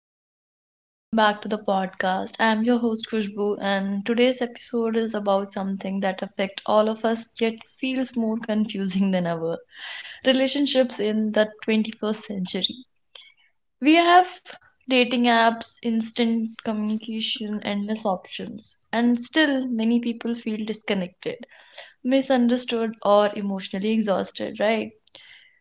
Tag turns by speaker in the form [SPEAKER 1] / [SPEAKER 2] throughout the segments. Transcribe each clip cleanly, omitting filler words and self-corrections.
[SPEAKER 1] Hello everyone, welcome back to the podcast. I'm your host Khushbu and today's episode is about something that affects all of us yet feels more confusing than ever. Relationships in the 21st century. We have dating apps, instant communication, endless options, and still many people feel disconnected, misunderstood or emotionally exhausted, right?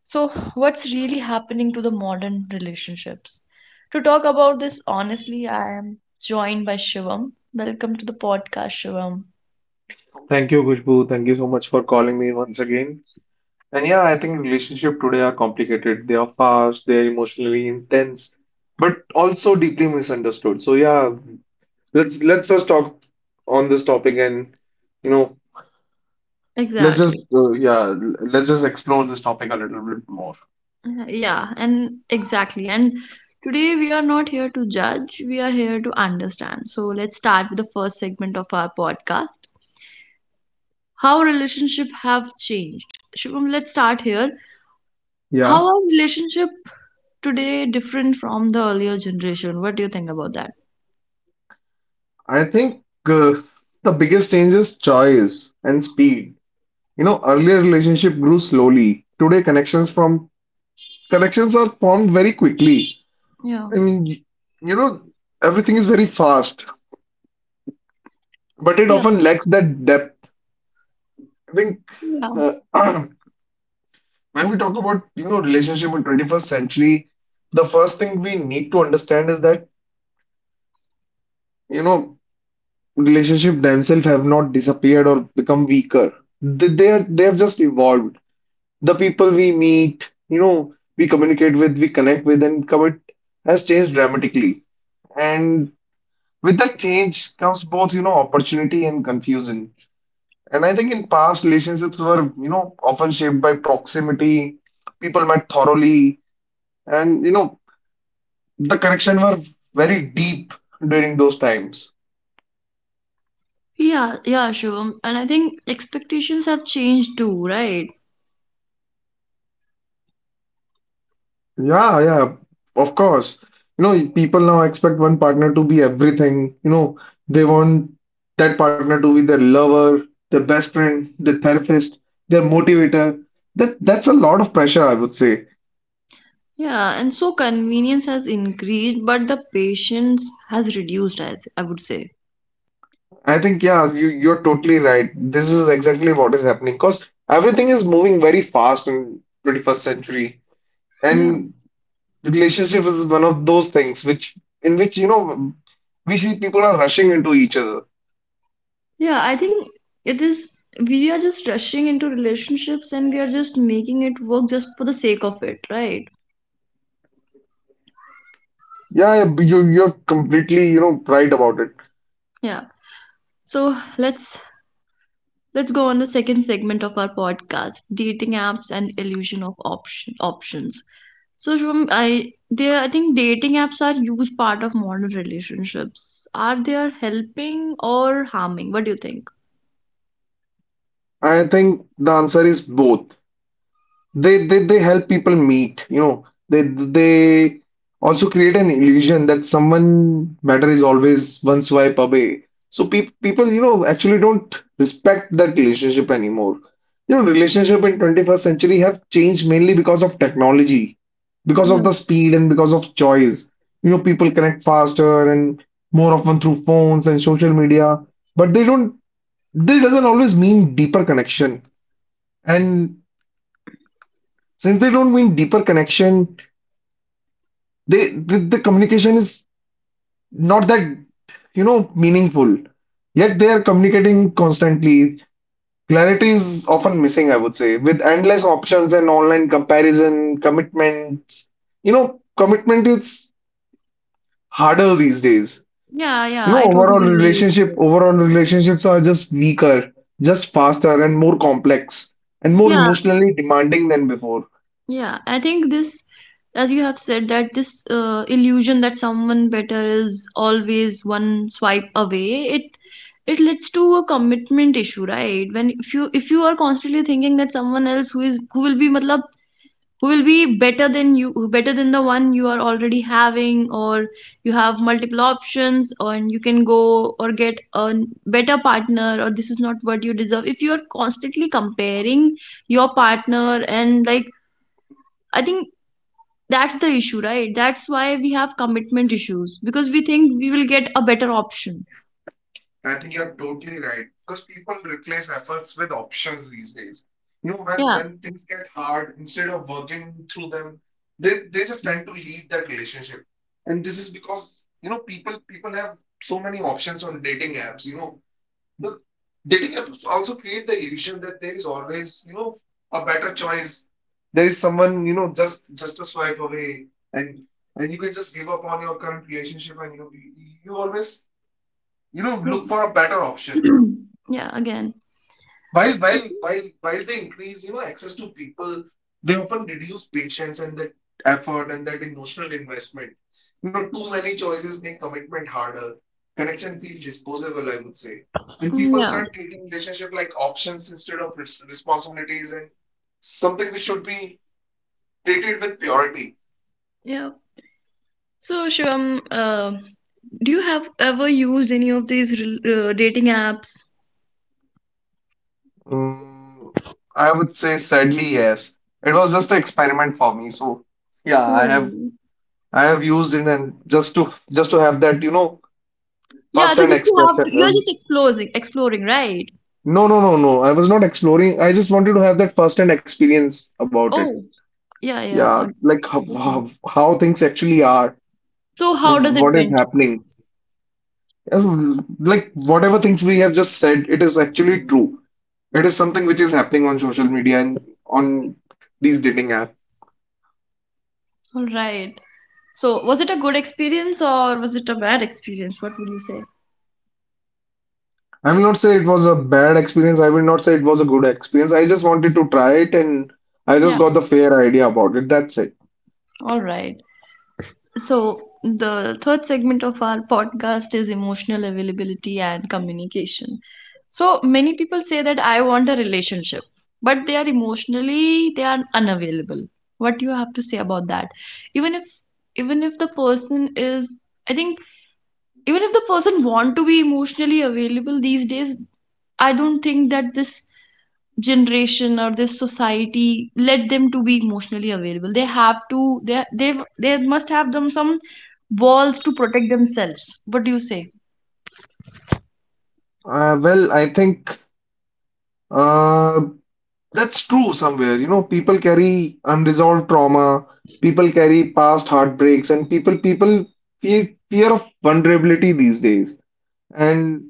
[SPEAKER 1] So, what's really happening to the modern relationships? To talk about this honestly, I am joined by Shivam. Welcome to the podcast, Shivam.
[SPEAKER 2] Thank you, Khushbu. Thank you so much for calling me once again. And yeah, I think relationships today are complicated. They are fast, they are emotionally intense, but also deeply misunderstood. So yeah, let's just talk on this topic and you know, let's
[SPEAKER 1] Exactly.
[SPEAKER 2] just let's just explore this topic a little bit more.
[SPEAKER 1] Yeah, and exactly. And today we are not here to judge, we are here to understand. So let's start with the first segment of our podcast. How relationship have changed. Shivam, let's start here. How
[SPEAKER 2] Yeah,
[SPEAKER 1] are relationship today different from the earlier generation? What do you think about that?
[SPEAKER 2] I think uh, the biggest change is choice and speed. You know, earlier relationship grew slowly. Today, connections are formed very quickly.
[SPEAKER 1] Yeah.
[SPEAKER 2] And y- you know, everything is very fast, but it
[SPEAKER 1] Yeah.
[SPEAKER 2] often lacks that depth. I think
[SPEAKER 1] Yeah.
[SPEAKER 2] uh, when we talk about, you know, relationship in 21st century, the first thing we need to understand is that, you know, relationship themselves have not disappeared or become weaker. They have just evolved. The people we meet, you know, we communicate with, we connect with, and commit has changed dramatically. And with that change comes both, you know, opportunity and confusion. And I think in past, relationships were, you know, often shaped by proximity. People met thoroughly, and, you know, the connection were very deep during those times.
[SPEAKER 1] Yeah, yeah, Shivam. And I think expectations have changed too, right?
[SPEAKER 2] Yeah, yeah, of course. You know, people now expect one partner to be everything. You know, they want that partner to be their lover, their best friend, their therapist, their motivator. That's a lot of pressure, I would say.
[SPEAKER 1] Yeah, and so convenience has increased, but the patience has reduced, I would say.
[SPEAKER 2] I think, yeah, you're totally right. This is exactly what is happening because everything is moving very fast in 21st century.
[SPEAKER 1] Yeah.
[SPEAKER 2] And relationship is one of those things which in which, you know, we see people are rushing into each other.
[SPEAKER 1] Yeah, I think it is, we are just rushing into relationships and we are just making it work just for the sake of it, right?
[SPEAKER 2] Yeah, you're completely, you know, right about it.
[SPEAKER 1] Yeah. So let's Let's go on the second segment of our podcast, dating apps and illusion of options. So, Shubham, I think dating apps are huge part of modern relationships. Are they are helping or harming? What do you think?
[SPEAKER 2] I think the answer is both. They help people meet, you know. They also create an illusion that someone better is always one swipe away. So pe people, you know, actually don't respect that relationship anymore. You know, relationship in 21st century have changed mainly because of technology, because of
[SPEAKER 1] Yeah.
[SPEAKER 2] the speed and because of choice. You know, people connect faster and more often through phones and social media, but they doesn't always mean deeper connection. And since they don't mean deeper connection they the communication is not that, you know, meaningful, yet they are communicating constantly. Clarity is often missing, I would say. With endless options and online comparison commitments, you know, commitment is harder these days.
[SPEAKER 1] Yeah,
[SPEAKER 2] You
[SPEAKER 1] yeah,
[SPEAKER 2] know,
[SPEAKER 1] I totally relate to
[SPEAKER 2] overall
[SPEAKER 1] it.
[SPEAKER 2] relationships are just weaker, just faster and more complex and more
[SPEAKER 1] Yeah.
[SPEAKER 2] emotionally demanding than before.
[SPEAKER 1] Yeah, as you have said, that this illusion that someone better is always one swipe away, it leads to a commitment issue, right? When if you are constantly thinking that someone else who is who will be matlab, who will be better than you, who better than the one you are already having, or you have multiple options, or and you can go or get a better partner, or this is not what you deserve. If you are constantly comparing your partner and, like, I think that's the issue, right? That's why we have commitment issues because we think we will get a better option.
[SPEAKER 2] I think you're totally right because people replace efforts with options these days. You know, when
[SPEAKER 1] Yeah,
[SPEAKER 2] when things get hard, instead of working through them, they just tend to leave that relationship. And this is because, you know, people have so many options on dating apps. You know, the dating apps also create the illusion that there is always, you know, a better choice. There is someone, you know, just a swipe away, and and you can just give up on your current relationship, and you know you, you always, you know, look for a
[SPEAKER 1] yeah.
[SPEAKER 2] better option.
[SPEAKER 1] Yeah, again.
[SPEAKER 2] While they increase, you know, access to people, they often reduce patience and that effort and that emotional investment. You know, too many choices make commitment harder, connection feel disposable, I would say, and
[SPEAKER 1] Mm,
[SPEAKER 2] people
[SPEAKER 1] yeah.
[SPEAKER 2] start treating relationship like options instead of responsibilities and something which should be treated with purity.
[SPEAKER 1] Yeah. So, Shivam, do you have ever used any of these dating apps?
[SPEAKER 2] Mm, I would say sadly yes. It was just an experiment for me, so yeah,
[SPEAKER 1] Oh,
[SPEAKER 2] I have used it and just to have that, you know,
[SPEAKER 1] yeah,
[SPEAKER 2] first
[SPEAKER 1] to
[SPEAKER 2] hand
[SPEAKER 1] just to have,
[SPEAKER 2] expression.
[SPEAKER 1] you're just exploring, exploring, right?
[SPEAKER 2] No, no, no, no. I was not exploring. I just wanted to have that first hand experience about it.
[SPEAKER 1] Oh, yeah,
[SPEAKER 2] Yeah, like
[SPEAKER 1] okay.
[SPEAKER 2] how things actually are,
[SPEAKER 1] So, how does it
[SPEAKER 2] what is
[SPEAKER 1] went?
[SPEAKER 2] happening. Yes, like whatever things we have just said, it is actually true. It is something which is happening on social media and on these dating apps.
[SPEAKER 1] All right. So, was it a good experience or was it a bad experience? What would you say?
[SPEAKER 2] I will not say it was a bad experience. I will not say it was a good experience. I just wanted to try it and I
[SPEAKER 1] Yeah.
[SPEAKER 2] just got the fair idea about it. That's it.
[SPEAKER 1] All right. So, the third segment of our podcast is emotional availability and communication. So, many people say that I want a relationship, but they are unavailable. What do you have to say about that? Even if even if the person is, I think, even if the person want to be emotionally available these days, I don't think that this generation or this society led them to be emotionally available. They must have them some walls to protect themselves. What do you say?
[SPEAKER 2] Well, I think uh, that's true somewhere. You know, people carry unresolved trauma, people carry past heartbreaks, and people feel fear of vulnerability these days. And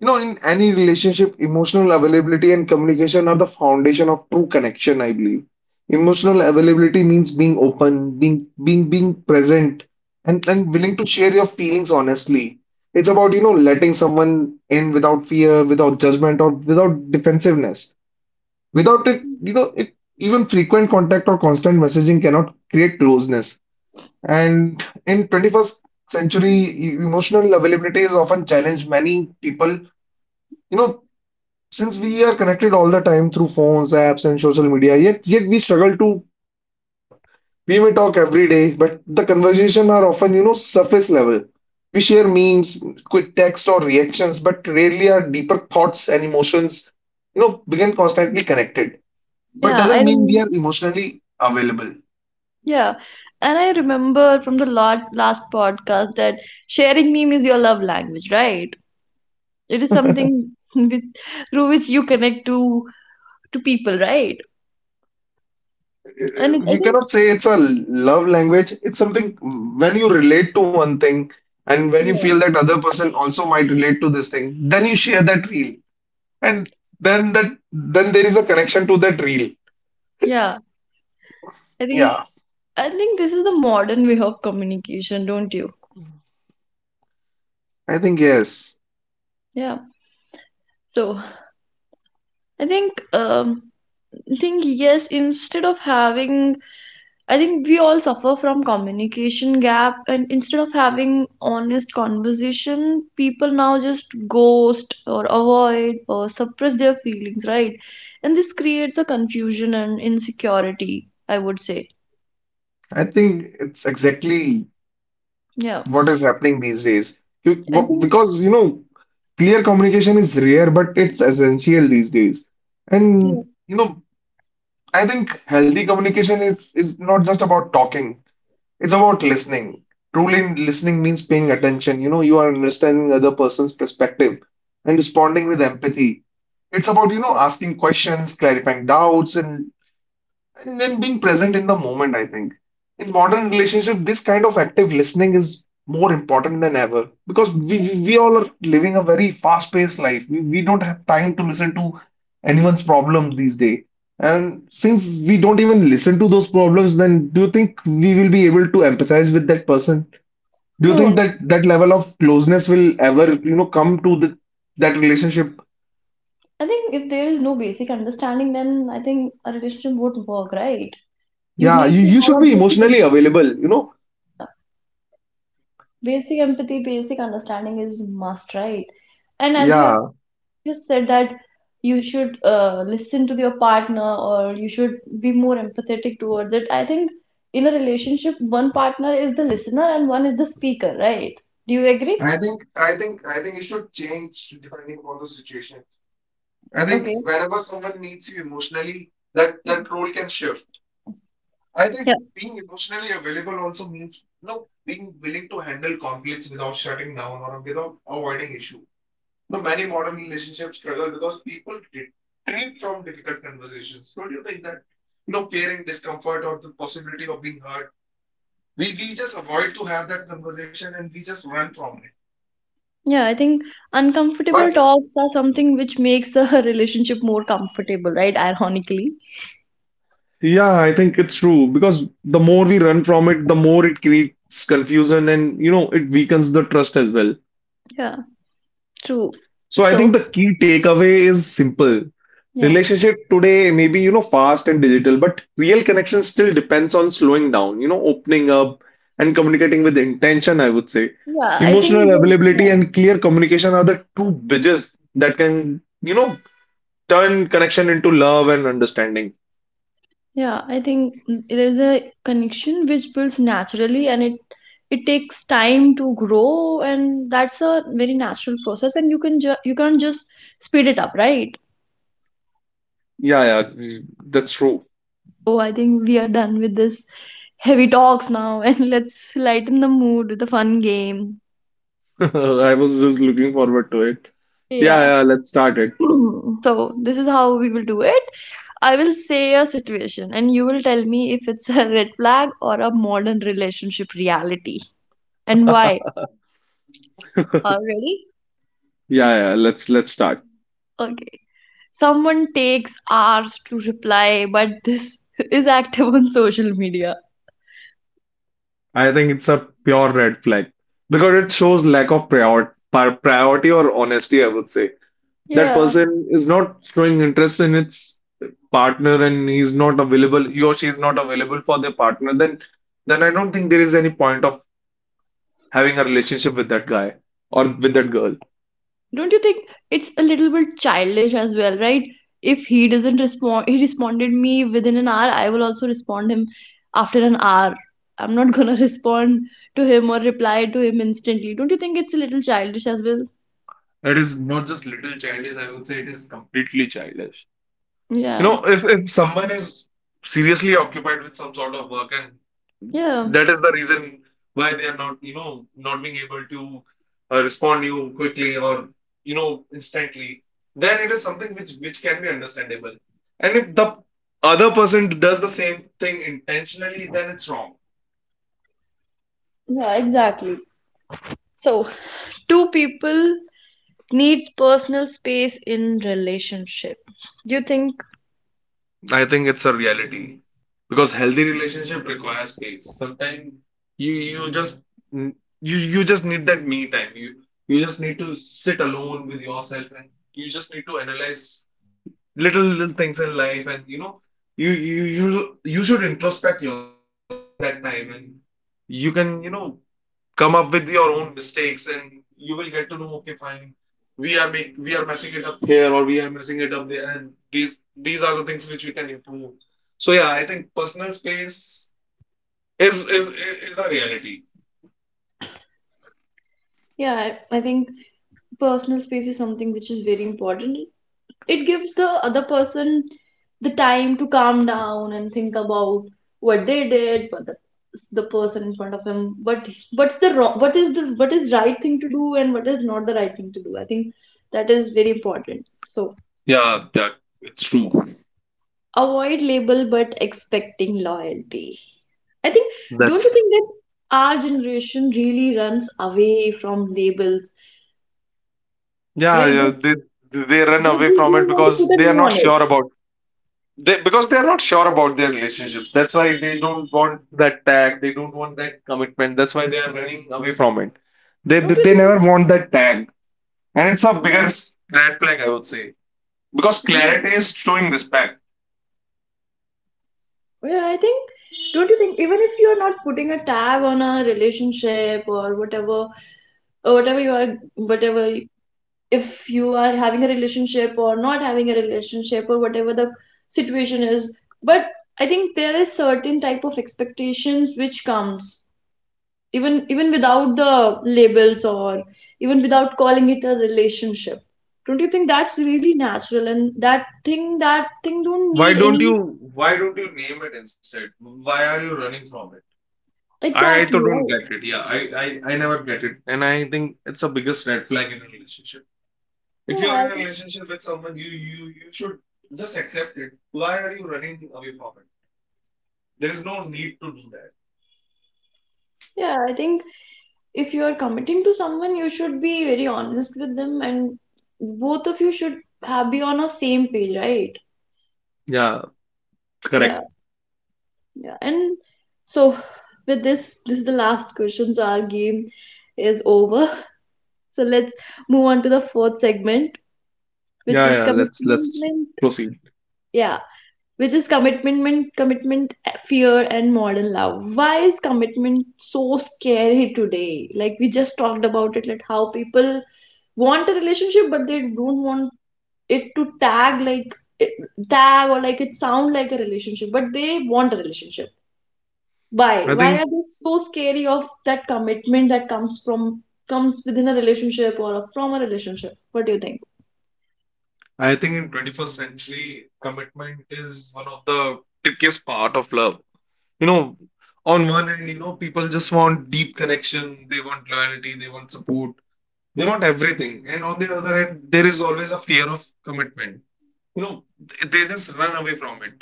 [SPEAKER 2] you know, in any relationship, emotional availability and communication are the foundation of true connection, I believe. Emotional availability means being open, being present and willing to share your feelings honestly. It's about, you know, letting someone in without fear, without judgment, or without defensiveness. Without it, you know, it even frequent contact or constant messaging cannot create closeness. And in 21st century, emotional availability is often challenged. Many people, you know, since we are connected all the time through phones, apps, and social media, yet we struggle to truly open up. We may talk every day, but the conversation are often, you know, surface level. We share memes, quick text or reactions, but rarely our deeper thoughts and emotions, you know, become constantly connected. But
[SPEAKER 1] Yeah, I
[SPEAKER 2] doesn't mean we
[SPEAKER 1] rem-
[SPEAKER 2] are emotionally available.
[SPEAKER 1] yeah, and I remember from the lot last podcast that sharing meme is your love language, right? It is something with through which you connect to people, right? And, it, I
[SPEAKER 2] You
[SPEAKER 1] think,
[SPEAKER 2] cannot say it's a love language. It's something when you relate to one thing, and when you
[SPEAKER 1] yeah,
[SPEAKER 2] feel that other person also might relate to this thing, then you share that reel. And then there is a connection to that reel.
[SPEAKER 1] yeah, I think,
[SPEAKER 2] Yeah.
[SPEAKER 1] I think this is the modern way of communication, don't you?
[SPEAKER 2] I think yes.
[SPEAKER 1] Yeah. So, I think, um, I think yes, instead of having I think we all suffer from communication gap and instead of having honest conversation, people now just ghost or avoid or suppress their feelings, right? And this creates a confusion and insecurity, I would say.
[SPEAKER 2] I think it's exactly
[SPEAKER 1] Yeah.
[SPEAKER 2] what is happening these days.
[SPEAKER 1] I think,
[SPEAKER 2] Because, you know, clear communication is rare, but it's essential these days.
[SPEAKER 1] yeah,
[SPEAKER 2] And, you know, I think healthy communication is not just about talking. It's about listening. Truly listening means paying attention. You know, you are understanding the other person's perspective and responding with empathy. It's about, you know,
[SPEAKER 1] yeah.
[SPEAKER 2] asking questions, clarifying doubts, and then being present in the moment, I think. In modern relationship, this kind of active listening is more important than ever because we all are living a very fast-paced life. We don't have time to listen to anyone's problem these days. And since we don't even listen to those problems, then do you think we will be able to empathize with that person? Do you
[SPEAKER 1] No,
[SPEAKER 2] think
[SPEAKER 1] no.
[SPEAKER 2] that that level of closeness will ever, you know, come to that relationship?
[SPEAKER 1] I think if there is no basic understanding, then I think a relationship won't work, right? You
[SPEAKER 2] Yeah,
[SPEAKER 1] need to
[SPEAKER 2] you should
[SPEAKER 1] have a
[SPEAKER 2] be
[SPEAKER 1] basic
[SPEAKER 2] emotionally
[SPEAKER 1] understanding.
[SPEAKER 2] available, you know?
[SPEAKER 1] Basic empathy, basic understanding is must, right? And as you have
[SPEAKER 2] Yeah.
[SPEAKER 1] just said that you should listen to your partner or you should be more empathetic towards it. I think in a relationship, one partner is the listener and one is the speaker, right? Do you agree?
[SPEAKER 2] I think it should change depending upon the situation. I think
[SPEAKER 1] Okay.
[SPEAKER 2] whenever someone needs you emotionally, that role can shift. I
[SPEAKER 1] Yeah,
[SPEAKER 2] think being emotionally available also means, you know, being willing to handle conflicts without shutting down or without avoiding issue. You know, many modern relationships struggle because people retreat from difficult conversations. Don't you think that, you know, fearing discomfort or the possibility of being hurt, we just avoid to have that conversation and we just run from
[SPEAKER 1] yeah, I think uncomfortable
[SPEAKER 2] it.
[SPEAKER 1] talks are something which makes the relationship more comfortable, right? Ironically.
[SPEAKER 2] Yeah, I think it's true because the more we run from it, the more it creates confusion and you know it weakens the trust as well.
[SPEAKER 1] Yeah, true.
[SPEAKER 2] So I think
[SPEAKER 1] So,
[SPEAKER 2] the key takeaway is simple.
[SPEAKER 1] yeah.
[SPEAKER 2] Relationship today may be, you know, fast and digital, but real connection still depends on slowing down, you know, opening up and communicating with intention, I would say.
[SPEAKER 1] Yeah, I think,
[SPEAKER 2] Emotional availability
[SPEAKER 1] yeah.
[SPEAKER 2] and clear communication are the two bridges that can, you know, turn connection into love and understanding.
[SPEAKER 1] Yeah, I think, mm, there's a connection which builds naturally and it takes time to grow and that's a very natural process and you can ju you can't just speed it up, right?
[SPEAKER 2] Yeah, yeah, that's true.
[SPEAKER 1] So I think we are done with this heavy talks now and let's lighten the mood with a fun game.
[SPEAKER 2] I was just looking forward to it. Yeah,
[SPEAKER 1] Yeah.
[SPEAKER 2] yeah, let's start it.
[SPEAKER 1] So, this is how we will do it. I will say a situation and you will tell me if it's a red flag or a modern relationship reality, and why. Already?
[SPEAKER 2] Yeah, yeah, let's start.
[SPEAKER 1] Okay. Someone takes hours to reply, but this is active on social media.
[SPEAKER 2] I think it's a pure red flag because it shows lack of priority or honesty, I would say. That
[SPEAKER 1] Yeah.
[SPEAKER 2] person is not showing interest in its partner and he's not available, he or she is not available for their partner, then I don't think there is any point of having a relationship with that guy or with that girl.
[SPEAKER 1] Don't you think it's a little bit childish as well, right? If he doesn't respond, he responded me within an hour, I will also respond him after an hour. I'm not gonna respond to him or reply to him instantly. Don't you think it's a little childish as well?
[SPEAKER 2] It is not just little childish, I would say it is completely childish. You
[SPEAKER 1] Yeah.
[SPEAKER 2] know, if someone is seriously occupied with some sort of work and
[SPEAKER 1] Yeah.
[SPEAKER 2] that is the reason why they are not, you know, not being able to respond you quickly or, you know, instantly, then it is something which can be understandable. And if the other person does the same thing intentionally, then it's wrong.
[SPEAKER 1] Yeah, exactly. So, two people needs personal space in relationship. Do you think?
[SPEAKER 2] I think it's a reality because healthy relationship requires space. Sometimes you you just you you just need that me time. You just need to sit alone with yourself and you just need to analyze little little things in life, and you know you should introspect yourself in that time, and you can, come up with your own mistakes. And you will get to know, okay, fine, we are messing it up here or we are messing it up there, and these are the things which we can improve. So yeah, I think personal space is is is a reality.
[SPEAKER 1] Yeah, I think personal space is something which is very important. It gives the other person the time to calm down and think about what they did for the person in front of him. But what's the wrong? What is the, what is right thing to do and what is not the right thing to do? I think that is very important. So
[SPEAKER 2] Yeah, yeah, it's
[SPEAKER 1] yeah.
[SPEAKER 2] true.
[SPEAKER 1] Avoid label but expecting loyalty. I think, don't you
[SPEAKER 2] That's
[SPEAKER 1] think that our generation really runs away from labels,
[SPEAKER 2] Yeah,
[SPEAKER 1] right?
[SPEAKER 2] yeah, they run
[SPEAKER 1] They
[SPEAKER 2] away
[SPEAKER 1] just
[SPEAKER 2] from it
[SPEAKER 1] don't want to put
[SPEAKER 2] because
[SPEAKER 1] a
[SPEAKER 2] they are
[SPEAKER 1] name
[SPEAKER 2] not
[SPEAKER 1] on
[SPEAKER 2] sure
[SPEAKER 1] it.
[SPEAKER 2] about, they because they are not sure about their relationships. That's why they don't want that tag, they don't want that commitment. That's why they are running away from it. they they,
[SPEAKER 1] Don't you
[SPEAKER 2] they
[SPEAKER 1] think?
[SPEAKER 2] never want that tag. And it's a
[SPEAKER 1] Mm,
[SPEAKER 2] biggest red flag, I would say. Because
[SPEAKER 1] mm.
[SPEAKER 2] clarity is showing respect.
[SPEAKER 1] Well, I think, don't you think, even if you're not putting a tag on a relationship or whatever you are, whatever, if you are having a relationship or not having a relationship or whatever the situation is, but I think there is certain type of expectations which comes even without the labels or even without calling it a relationship. Don't you think that's really natural and that thing don't
[SPEAKER 2] Why
[SPEAKER 1] need
[SPEAKER 2] don't you
[SPEAKER 1] any.
[SPEAKER 2] why don't you name it instead? Why are you running from it? I to
[SPEAKER 1] Exactly,
[SPEAKER 2] don't
[SPEAKER 1] right.
[SPEAKER 2] get it. Yeah, I never get it. And I think it's the biggest red flag in a relationship. If you're
[SPEAKER 1] Yeah,
[SPEAKER 2] in
[SPEAKER 1] I
[SPEAKER 2] a
[SPEAKER 1] think,
[SPEAKER 2] relationship with someone, you should just accept it. Why are you running away from it? There is no need to do that.
[SPEAKER 1] yeah, I think if you're committing to someone, you should be very honest with them and both of you should have be on a same page, right?
[SPEAKER 2] Yeah,
[SPEAKER 1] Yeah,
[SPEAKER 2] correct.
[SPEAKER 1] yeah. And so with this, this is the last question, so our game is over. So let's move on to the fourth segment, which
[SPEAKER 2] Yeah,
[SPEAKER 1] is
[SPEAKER 2] yeah, let's
[SPEAKER 1] commitment.
[SPEAKER 2] proceed.
[SPEAKER 1] Yeah, which is commitment, fear, and modern love. Why is commitment so scary today? Like we just talked about it, like how people want a relationship, but they don't want it to tag, like it, tag or like it sound like a relationship, but they want a relationship. Why?
[SPEAKER 2] I
[SPEAKER 1] Why are
[SPEAKER 2] think
[SPEAKER 1] they so scary of that commitment that comes from comes within a relationship or from a relationship? What do you think?
[SPEAKER 2] I think in 21st century, commitment is one of the trickiest part of love. You know, on one end, people just want deep connection, they want loyalty, they want support, they want everything. And on the other end, there is always a fear of commitment. You know, they just run away from it.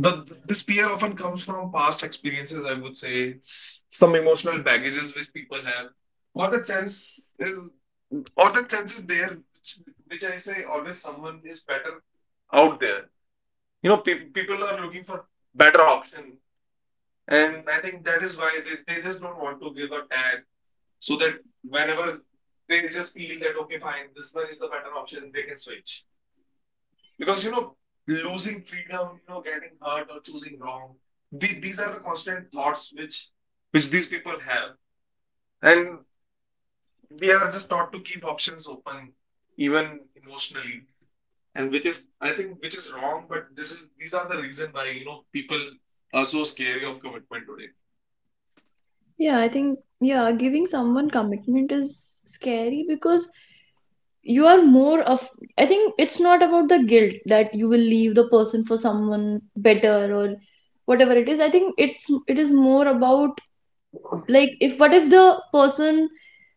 [SPEAKER 2] This fear often comes from past experiences, I would say, some emotional baggages which people have, or the sense is, or the sense is there, which I say always someone is better out there. You know, people are looking for better option, and I think that is why they just don't want to give a tag, so that whenever they just feel that okay, fine, this one is the better option, they can switch. Because losing freedom, getting hurt or choosing wrong, these are the constant thoughts which these people have, and we are just taught to keep options open, even emotionally. And which is I think which is wrong, but this is these are the reason why, people are so scary of commitment today.
[SPEAKER 1] Yeah, I think, yeah, giving someone commitment is scary because you are more of, I think it's not about the guilt that you will leave the person for someone better or whatever it is. I think it's, it is more about, like, if what if the person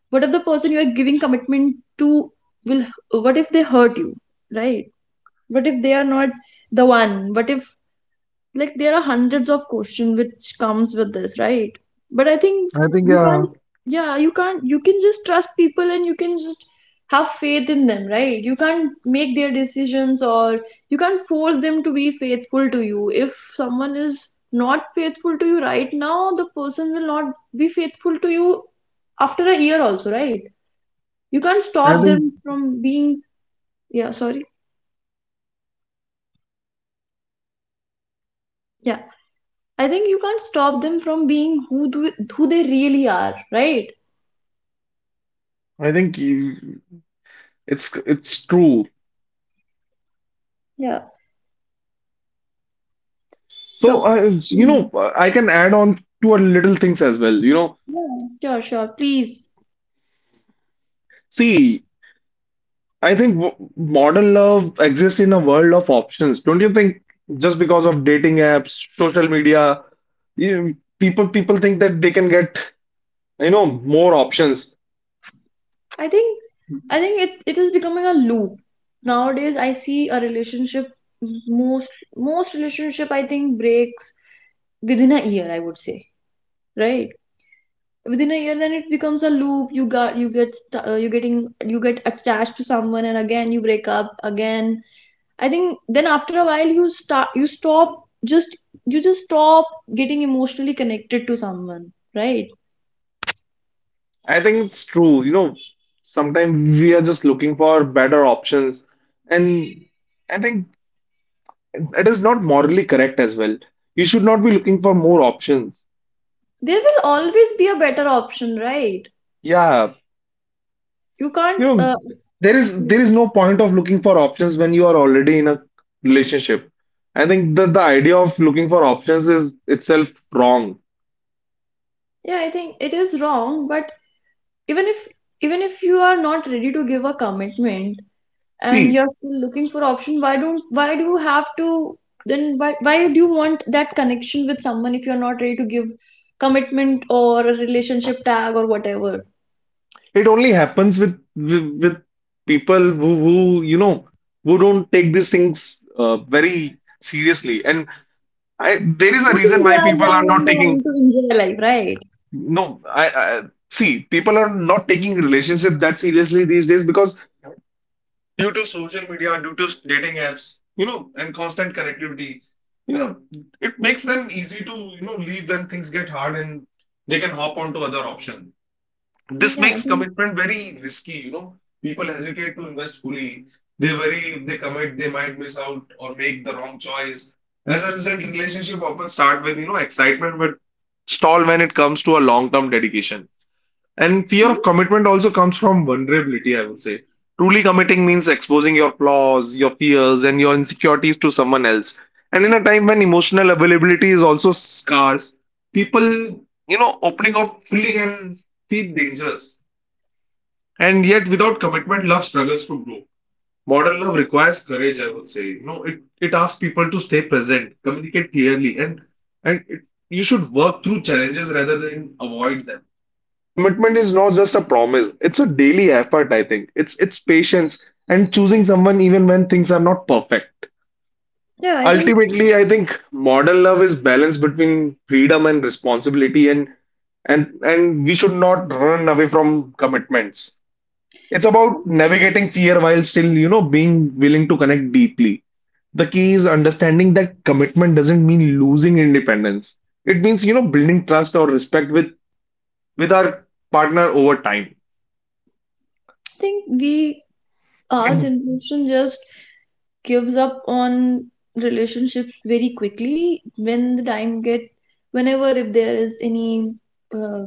[SPEAKER 1] what if the person you are giving commitment to will, what if they hurt you, right? What if they are not the one? What if, like, there are hundreds of questions which comes with this, right? But I think
[SPEAKER 2] I think
[SPEAKER 1] you
[SPEAKER 2] yeah.
[SPEAKER 1] can't, yeah, you can't, you can just trust people and you can just have faith in them, right? You can't make their decisions or you can't force them to be faithful to you. If someone is not faithful to you right now, the person will not be faithful to you after a year also, right? You can't
[SPEAKER 2] I
[SPEAKER 1] stop
[SPEAKER 2] think
[SPEAKER 1] them from being, yeah, sorry, yeah, I think you can't stop them from being who they really are, right?
[SPEAKER 2] I think you- it's true.
[SPEAKER 1] Yeah.
[SPEAKER 2] So
[SPEAKER 1] So,
[SPEAKER 2] you
[SPEAKER 1] mm,
[SPEAKER 2] know, I can add on to a little things as well. You know,
[SPEAKER 1] yeah, sure, sure. Please.
[SPEAKER 2] see, I think w modern love exists in a world of options. Don't you think? Just because of dating apps, social media, people think that they can get, you know, more options.
[SPEAKER 1] I think, it is becoming a loop. Nowadays, I see a relationship, most relationship I think breaks within a year, I would say, right? Within a year, then it becomes a loop. You got you get st- you getting you get attached to someone, and again you break up again. I think then after a while you stop, just you just stop getting emotionally connected to someone, right?
[SPEAKER 2] I think it's true. You know, sometimes we are just looking for better options, and I think it is not morally correct as well. You should not be looking for more options.
[SPEAKER 1] There will always be a better option, right?
[SPEAKER 2] Yeah,
[SPEAKER 1] You can't,
[SPEAKER 2] you know, there is no point of looking for options when you are already in a relationship. I think that the idea of looking for options is itself wrong.
[SPEAKER 1] yeah, I think it is wrong, but even if, even if you are not ready to give a commitment and
[SPEAKER 2] See,
[SPEAKER 1] you're still looking for option, why don't why do you have to then? Why do you want that connection with someone if you're not ready to give commitment or a relationship tag or whatever?
[SPEAKER 2] it only happens with people who, you know, who don't take these things very seriously. And there is a
[SPEAKER 1] Who
[SPEAKER 2] reason
[SPEAKER 1] think they
[SPEAKER 2] why
[SPEAKER 1] are
[SPEAKER 2] people are
[SPEAKER 1] young and
[SPEAKER 2] not
[SPEAKER 1] they want
[SPEAKER 2] taking.
[SPEAKER 1] to enjoy life, right?
[SPEAKER 2] No, I see, people are not taking relationship that seriously these days because, due to social media, due to dating apps, you know, and constant connectivity, you know, it makes them easy to, you know, leave when things get hard, and they can hop on to other option. This
[SPEAKER 1] Yeah, I
[SPEAKER 2] makes
[SPEAKER 1] think,
[SPEAKER 2] commitment very risky, you know. People hesitate to invest fully. They worry if they commit, they might miss out or make the wrong choice. As a result, relationship often start with, you know, excitement, but stall when it comes to a long-term dedication. And fear of commitment also comes from vulnerability, I would say. Truly committing means exposing your flaws, your fears, and your insecurities to someone else. And in a time when emotional availability is also scarce, people, you know, opening up fully can feel dangerous. And yet, without commitment, love struggles to grow. Modern love requires courage, I would say. You know, it asks people to stay present, communicate clearly, and and it, you should work through challenges rather than avoid them. Commitment is not just a promise, it's a daily effort, I think. It's patience and choosing someone even when things are not perfect.
[SPEAKER 1] yeah, I think,
[SPEAKER 2] Ultimately, I think modern love is balance between freedom and responsibility, and we should not run away from commitments. It's about navigating fear while still, you know, being willing to connect deeply. The key is understanding that commitment doesn't mean losing independence. It means, you know, building trust or respect with our partner over time.
[SPEAKER 1] I think we our generation just gives up on relationships very quickly when the time get, whenever if there is any, uh,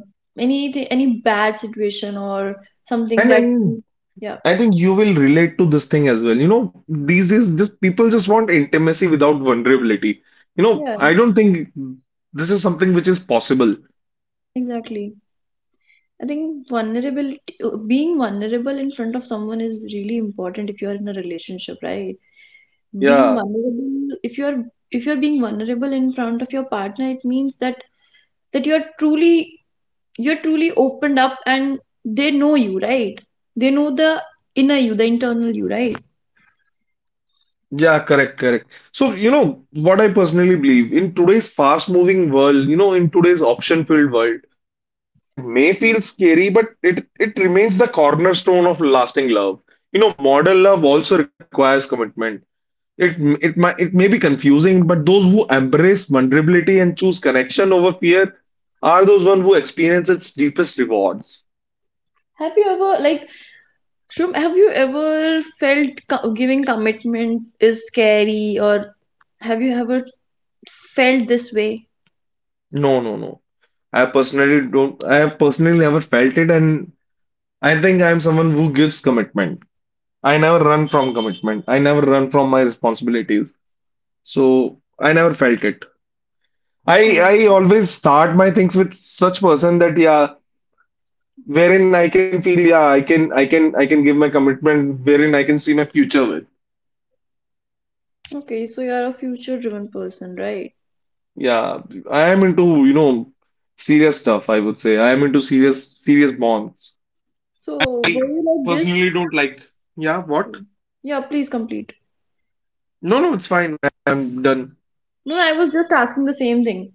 [SPEAKER 1] any bad situation or something
[SPEAKER 2] And
[SPEAKER 1] that.
[SPEAKER 2] then
[SPEAKER 1] Yeah.
[SPEAKER 2] I think you will relate to this thing as well. You know, these days, just people just want intimacy without vulnerability. You know,
[SPEAKER 1] Yeah,
[SPEAKER 2] I don't think this is something which is possible.
[SPEAKER 1] exactly. I think vulnerability, being vulnerable in front of someone is really important if you're in a relationship, right? Being
[SPEAKER 2] Yeah,
[SPEAKER 1] vulnerable, if you're, if you're being vulnerable in front of your partner, it means that, that you're truly you're truly opened up and they know you, right? They know the inner you, the internal you, right?
[SPEAKER 2] yeah, correct, correct. So, you know, what I personally believe, in today's fast-moving world, you know, in today's option-filled world, commitment may feel scary, but it remains the cornerstone of lasting love. You know, modern love also requires commitment. It it might it may be confusing, but those who embrace vulnerability and choose connection over fear are those one who experience its deepest rewards.
[SPEAKER 1] Have you ever, like, Shrum, have you ever felt giving commitment is scary, or have you ever felt this way?
[SPEAKER 2] No, no, no. I personally don't. I have personally never felt it, and I think I am someone who gives commitment. I never run from commitment. I never run from my responsibilities. So I never felt it. I
[SPEAKER 1] All right.
[SPEAKER 2] I always start my things with such person that yeah, wherein I can feel yeah, I can give my commitment, wherein I can see my future with.
[SPEAKER 1] Okay, so you're a future driven person, right?
[SPEAKER 2] Yeah, I am into, you know, serious stuff, I would say. I am into serious bonds.
[SPEAKER 1] So
[SPEAKER 2] I
[SPEAKER 1] were you like
[SPEAKER 2] personally
[SPEAKER 1] this?
[SPEAKER 2] don't like. Yeah, what?
[SPEAKER 1] Yeah, please complete.
[SPEAKER 2] No, no, it's fine. I'm done.
[SPEAKER 1] No, no, I was just asking the same thing.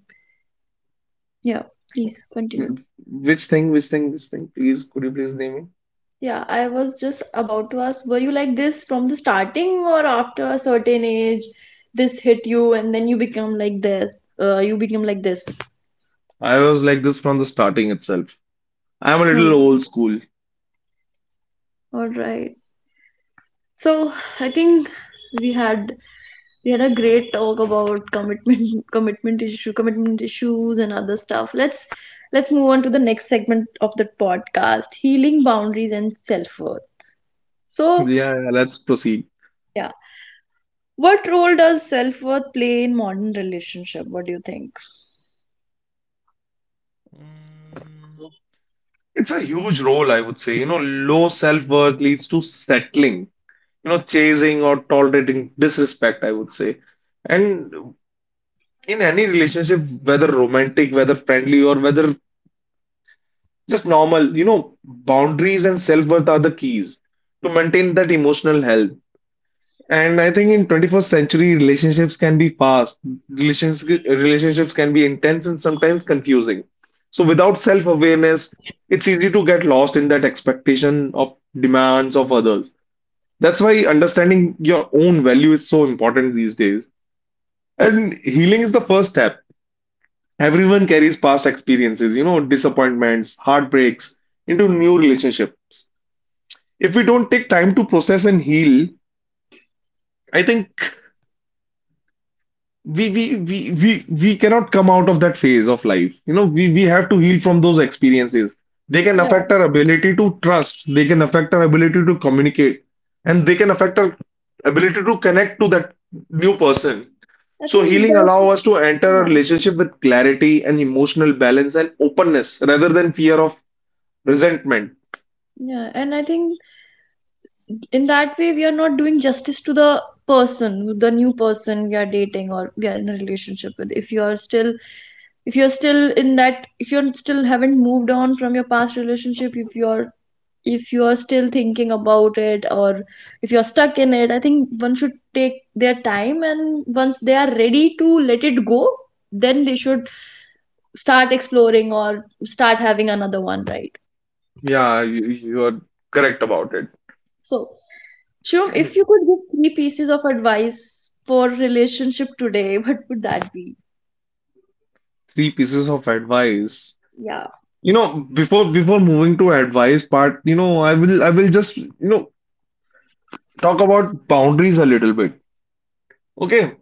[SPEAKER 1] Yeah, please continue.
[SPEAKER 2] Which thing, which thing? Please, could you please name it?
[SPEAKER 1] Yeah, I was just about to ask, were you like this from the starting, or after a certain age, this hit you and then you become like this, you become like this?
[SPEAKER 2] I was like this from the starting itself. I'm a little
[SPEAKER 1] Hmm.
[SPEAKER 2] old school.
[SPEAKER 1] All right. So I think we had, we had a great talk about commitment commitment issue, commitment issues and other stuff. Let's move on to the next segment of the podcast, healing boundaries and self-worth. So
[SPEAKER 2] Yeah, yeah, let's proceed.
[SPEAKER 1] yeah, what role does self-worth play in modern relationship? What do you think?
[SPEAKER 2] Mm, It's a huge role, I would say. You know, low self-worth leads to settling, you know, chasing or tolerating disrespect, I would say. And in any relationship, whether romantic, whether friendly, or whether just normal, you know, boundaries and self-worth are the keys to maintain that emotional health. And I think in 21st century, relationships can be fast, relationships can be intense and sometimes confusing. So without self-awareness, it's easy to get lost in that expectation of demands of others. That's why understanding your own value is so important these days. And healing is the first step. Everyone carries past experiences, you know, disappointments, heartbreaks into new relationships. If we don't take time to process and heal, I think we cannot come out of that phase of life. You know, we have to heal from those experiences. They can affect our ability to trust, they can affect our ability to communicate, and they can affect our ability to connect to that new person.
[SPEAKER 1] I
[SPEAKER 2] So
[SPEAKER 1] think
[SPEAKER 2] healing
[SPEAKER 1] that's,
[SPEAKER 2] allow us to enter a
[SPEAKER 1] yeah.
[SPEAKER 2] relationship with clarity and emotional balance and openness rather than fear of resentment.
[SPEAKER 1] Yeah, and I think in that way we are not doing justice to the person, the new person we are dating or we are in a relationship with. If you are still, if you are still in that, if you are still haven't moved on from your past relationship, if you are still thinking about it, or if you are stuck in it, I think one should take their time, and once they are ready to let it go, then they should start exploring or start having another one, right?
[SPEAKER 2] Yeah, you are correct about it.
[SPEAKER 1] So Shivam, if you could give three pieces of advice for relationship today, what would that be?
[SPEAKER 2] Three pieces of advice.
[SPEAKER 1] Yeah.
[SPEAKER 2] You know, before moving to advice part, you know, I will just, you know, talk about boundaries a little bit. Okay?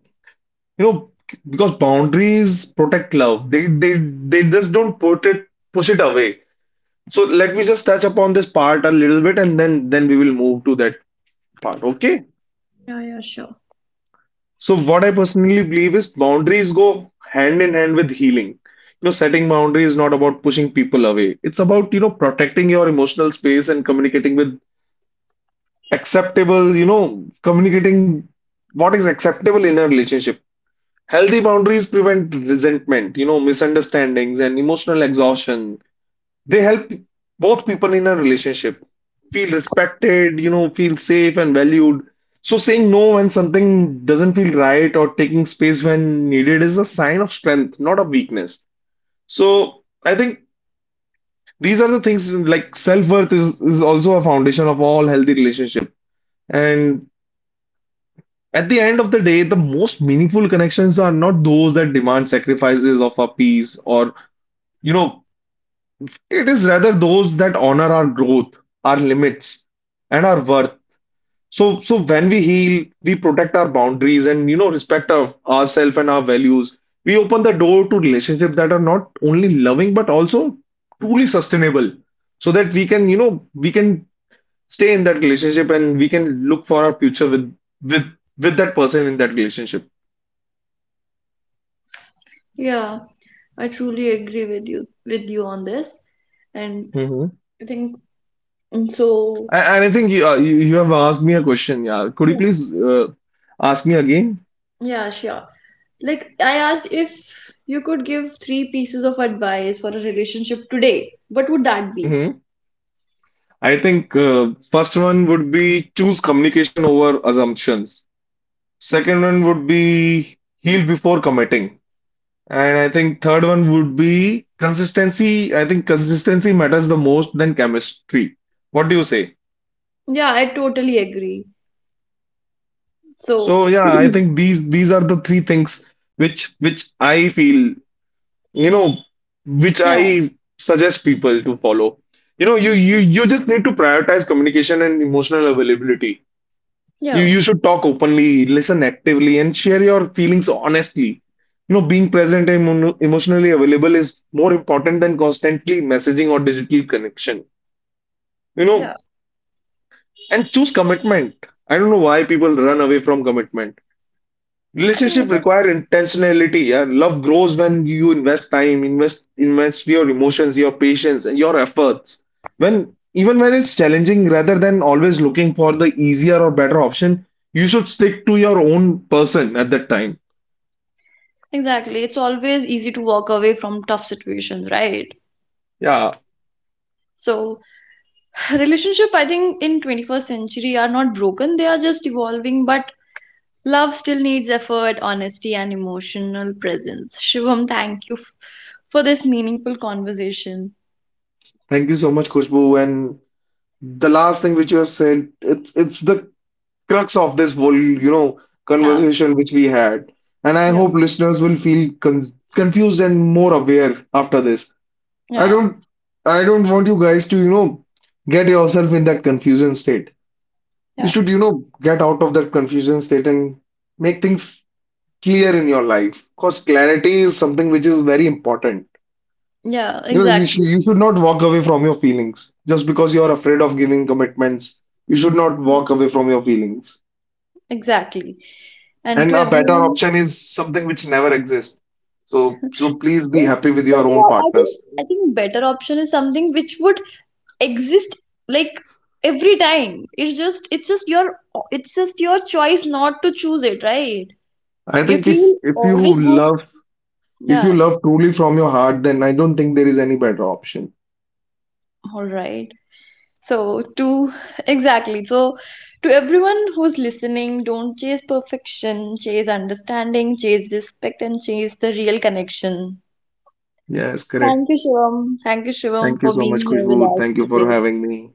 [SPEAKER 2] You know, because boundaries protect love. They just don't put it push it away. So let me just touch upon this part a little bit, and then we will move to that part. Okay?
[SPEAKER 1] Yeah, yeah, sure.
[SPEAKER 2] So what I personally believe is boundaries go hand in hand with healing. You know, setting boundaries is not about pushing people away. It's about, you know, protecting your emotional space and communicating with acceptable, you know, communicating what is acceptable in a relationship. Healthy boundaries prevent resentment, you know, misunderstandings and emotional exhaustion. They help both people in a relationship feel respected, you know, feel safe and valued. So saying no when something doesn't feel right or taking space when needed is a sign of strength, not of weakness. So I think these are the things like self-worth is also a foundation of all healthy relationship. And at the end of the day, the most meaningful connections are not those that demand sacrifices of our peace, or, you know, it is rather those that honor our growth, our limits, and our worth. So, so when we heal, we protect our boundaries and, you know, respect ourselves and our values. We open the door to relationships that are not only loving but also truly sustainable, so that we can, you know, we can stay in that relationship and we can look for our future with with with that person in that relationship.
[SPEAKER 1] Yeah, I truly agree with you, with you on this. And
[SPEAKER 2] hmm
[SPEAKER 1] I think, and so
[SPEAKER 2] and I think you, you you have asked me a question. Yeah, could you
[SPEAKER 1] yeah.
[SPEAKER 2] please uh, ask me again?
[SPEAKER 1] Yeah, sure. Like I asked, if you could give three pieces of advice for a relationship today, what would that be?
[SPEAKER 2] I think first one would be choose communication over assumptions. Second one would be heal before committing. And I think third one would be consistency. I think consistency matters the most than chemistry. What do you say?
[SPEAKER 1] Yeah, I totally agree. So
[SPEAKER 2] So yeah, I think these are the three things which I feel, you know, which
[SPEAKER 1] yeah,
[SPEAKER 2] I suggest people to follow. You know, you just need to prioritize communication and emotional availability.
[SPEAKER 1] yeah,
[SPEAKER 2] You should talk openly, listen actively, and share your feelings honestly. You know, being present and emotionally available is more important than constantly messaging or digital connection. You know,
[SPEAKER 1] yeah.
[SPEAKER 2] and choose commitment. I don't know why people run away from commitment.
[SPEAKER 1] I think
[SPEAKER 2] Relationship
[SPEAKER 1] because
[SPEAKER 2] require intentionality. Yeah, love grows when you invest time, invest your emotions, your patience, and your efforts. When Even when it's challenging, rather than always looking for the easier or better option, you should stick to your own person at that time.
[SPEAKER 1] exactly. It's always easy to walk away from tough situations, right?
[SPEAKER 2] Yeah,
[SPEAKER 1] So relationship, I think, in 21st century are not broken, they are just evolving, but love still needs effort, honesty and emotional presence. Shivam, thank you for this meaningful conversation.
[SPEAKER 2] thank you so much, Kushbu. And the last thing which you have said, it's the crux of this whole, you know,
[SPEAKER 1] Yeah,
[SPEAKER 2] conversation which we had. And I
[SPEAKER 1] yeah,
[SPEAKER 2] hope listeners will feel confused and more aware after this. I
[SPEAKER 1] yeah,
[SPEAKER 2] don't I don't want you guys to, you know, get yourself in that confusion state. You
[SPEAKER 1] yeah.
[SPEAKER 2] should, you know, get out of that confusion state and make things clear in your life. Because clarity is something which is very important.
[SPEAKER 1] Yeah,
[SPEAKER 2] You know,
[SPEAKER 1] exactly.
[SPEAKER 2] you should not walk away from your feelings just because you are afraid of giving commitments. You should not
[SPEAKER 1] Yeah,
[SPEAKER 2] walk away from your feelings.
[SPEAKER 1] exactly. And
[SPEAKER 2] And
[SPEAKER 1] to
[SPEAKER 2] a better
[SPEAKER 1] everyone,
[SPEAKER 2] option is something which never exists. So please be
[SPEAKER 1] if
[SPEAKER 2] happy with your
[SPEAKER 1] better,
[SPEAKER 2] own
[SPEAKER 1] I think,
[SPEAKER 2] partners.
[SPEAKER 1] I think better option is something which would exist, like, every time. It's just, it's just your choice not to choose it, right?
[SPEAKER 2] I
[SPEAKER 1] If
[SPEAKER 2] think
[SPEAKER 1] you
[SPEAKER 2] if you
[SPEAKER 1] always go,
[SPEAKER 2] love, if
[SPEAKER 1] yeah.
[SPEAKER 2] you love truly from your heart, then I don't think there is any better option.
[SPEAKER 1] All right, so to exactly, so to everyone who's listening, don't chase perfection, chase understanding, chase respect and chase the real connection.
[SPEAKER 2] Yes, correct.
[SPEAKER 1] Thank you, Shivam. Thank you, Shivam,
[SPEAKER 2] Thank you
[SPEAKER 1] for
[SPEAKER 2] so
[SPEAKER 1] being
[SPEAKER 2] much,
[SPEAKER 1] here with
[SPEAKER 2] Kushbu.
[SPEAKER 1] us
[SPEAKER 2] Thank you for
[SPEAKER 1] today.
[SPEAKER 2] having me.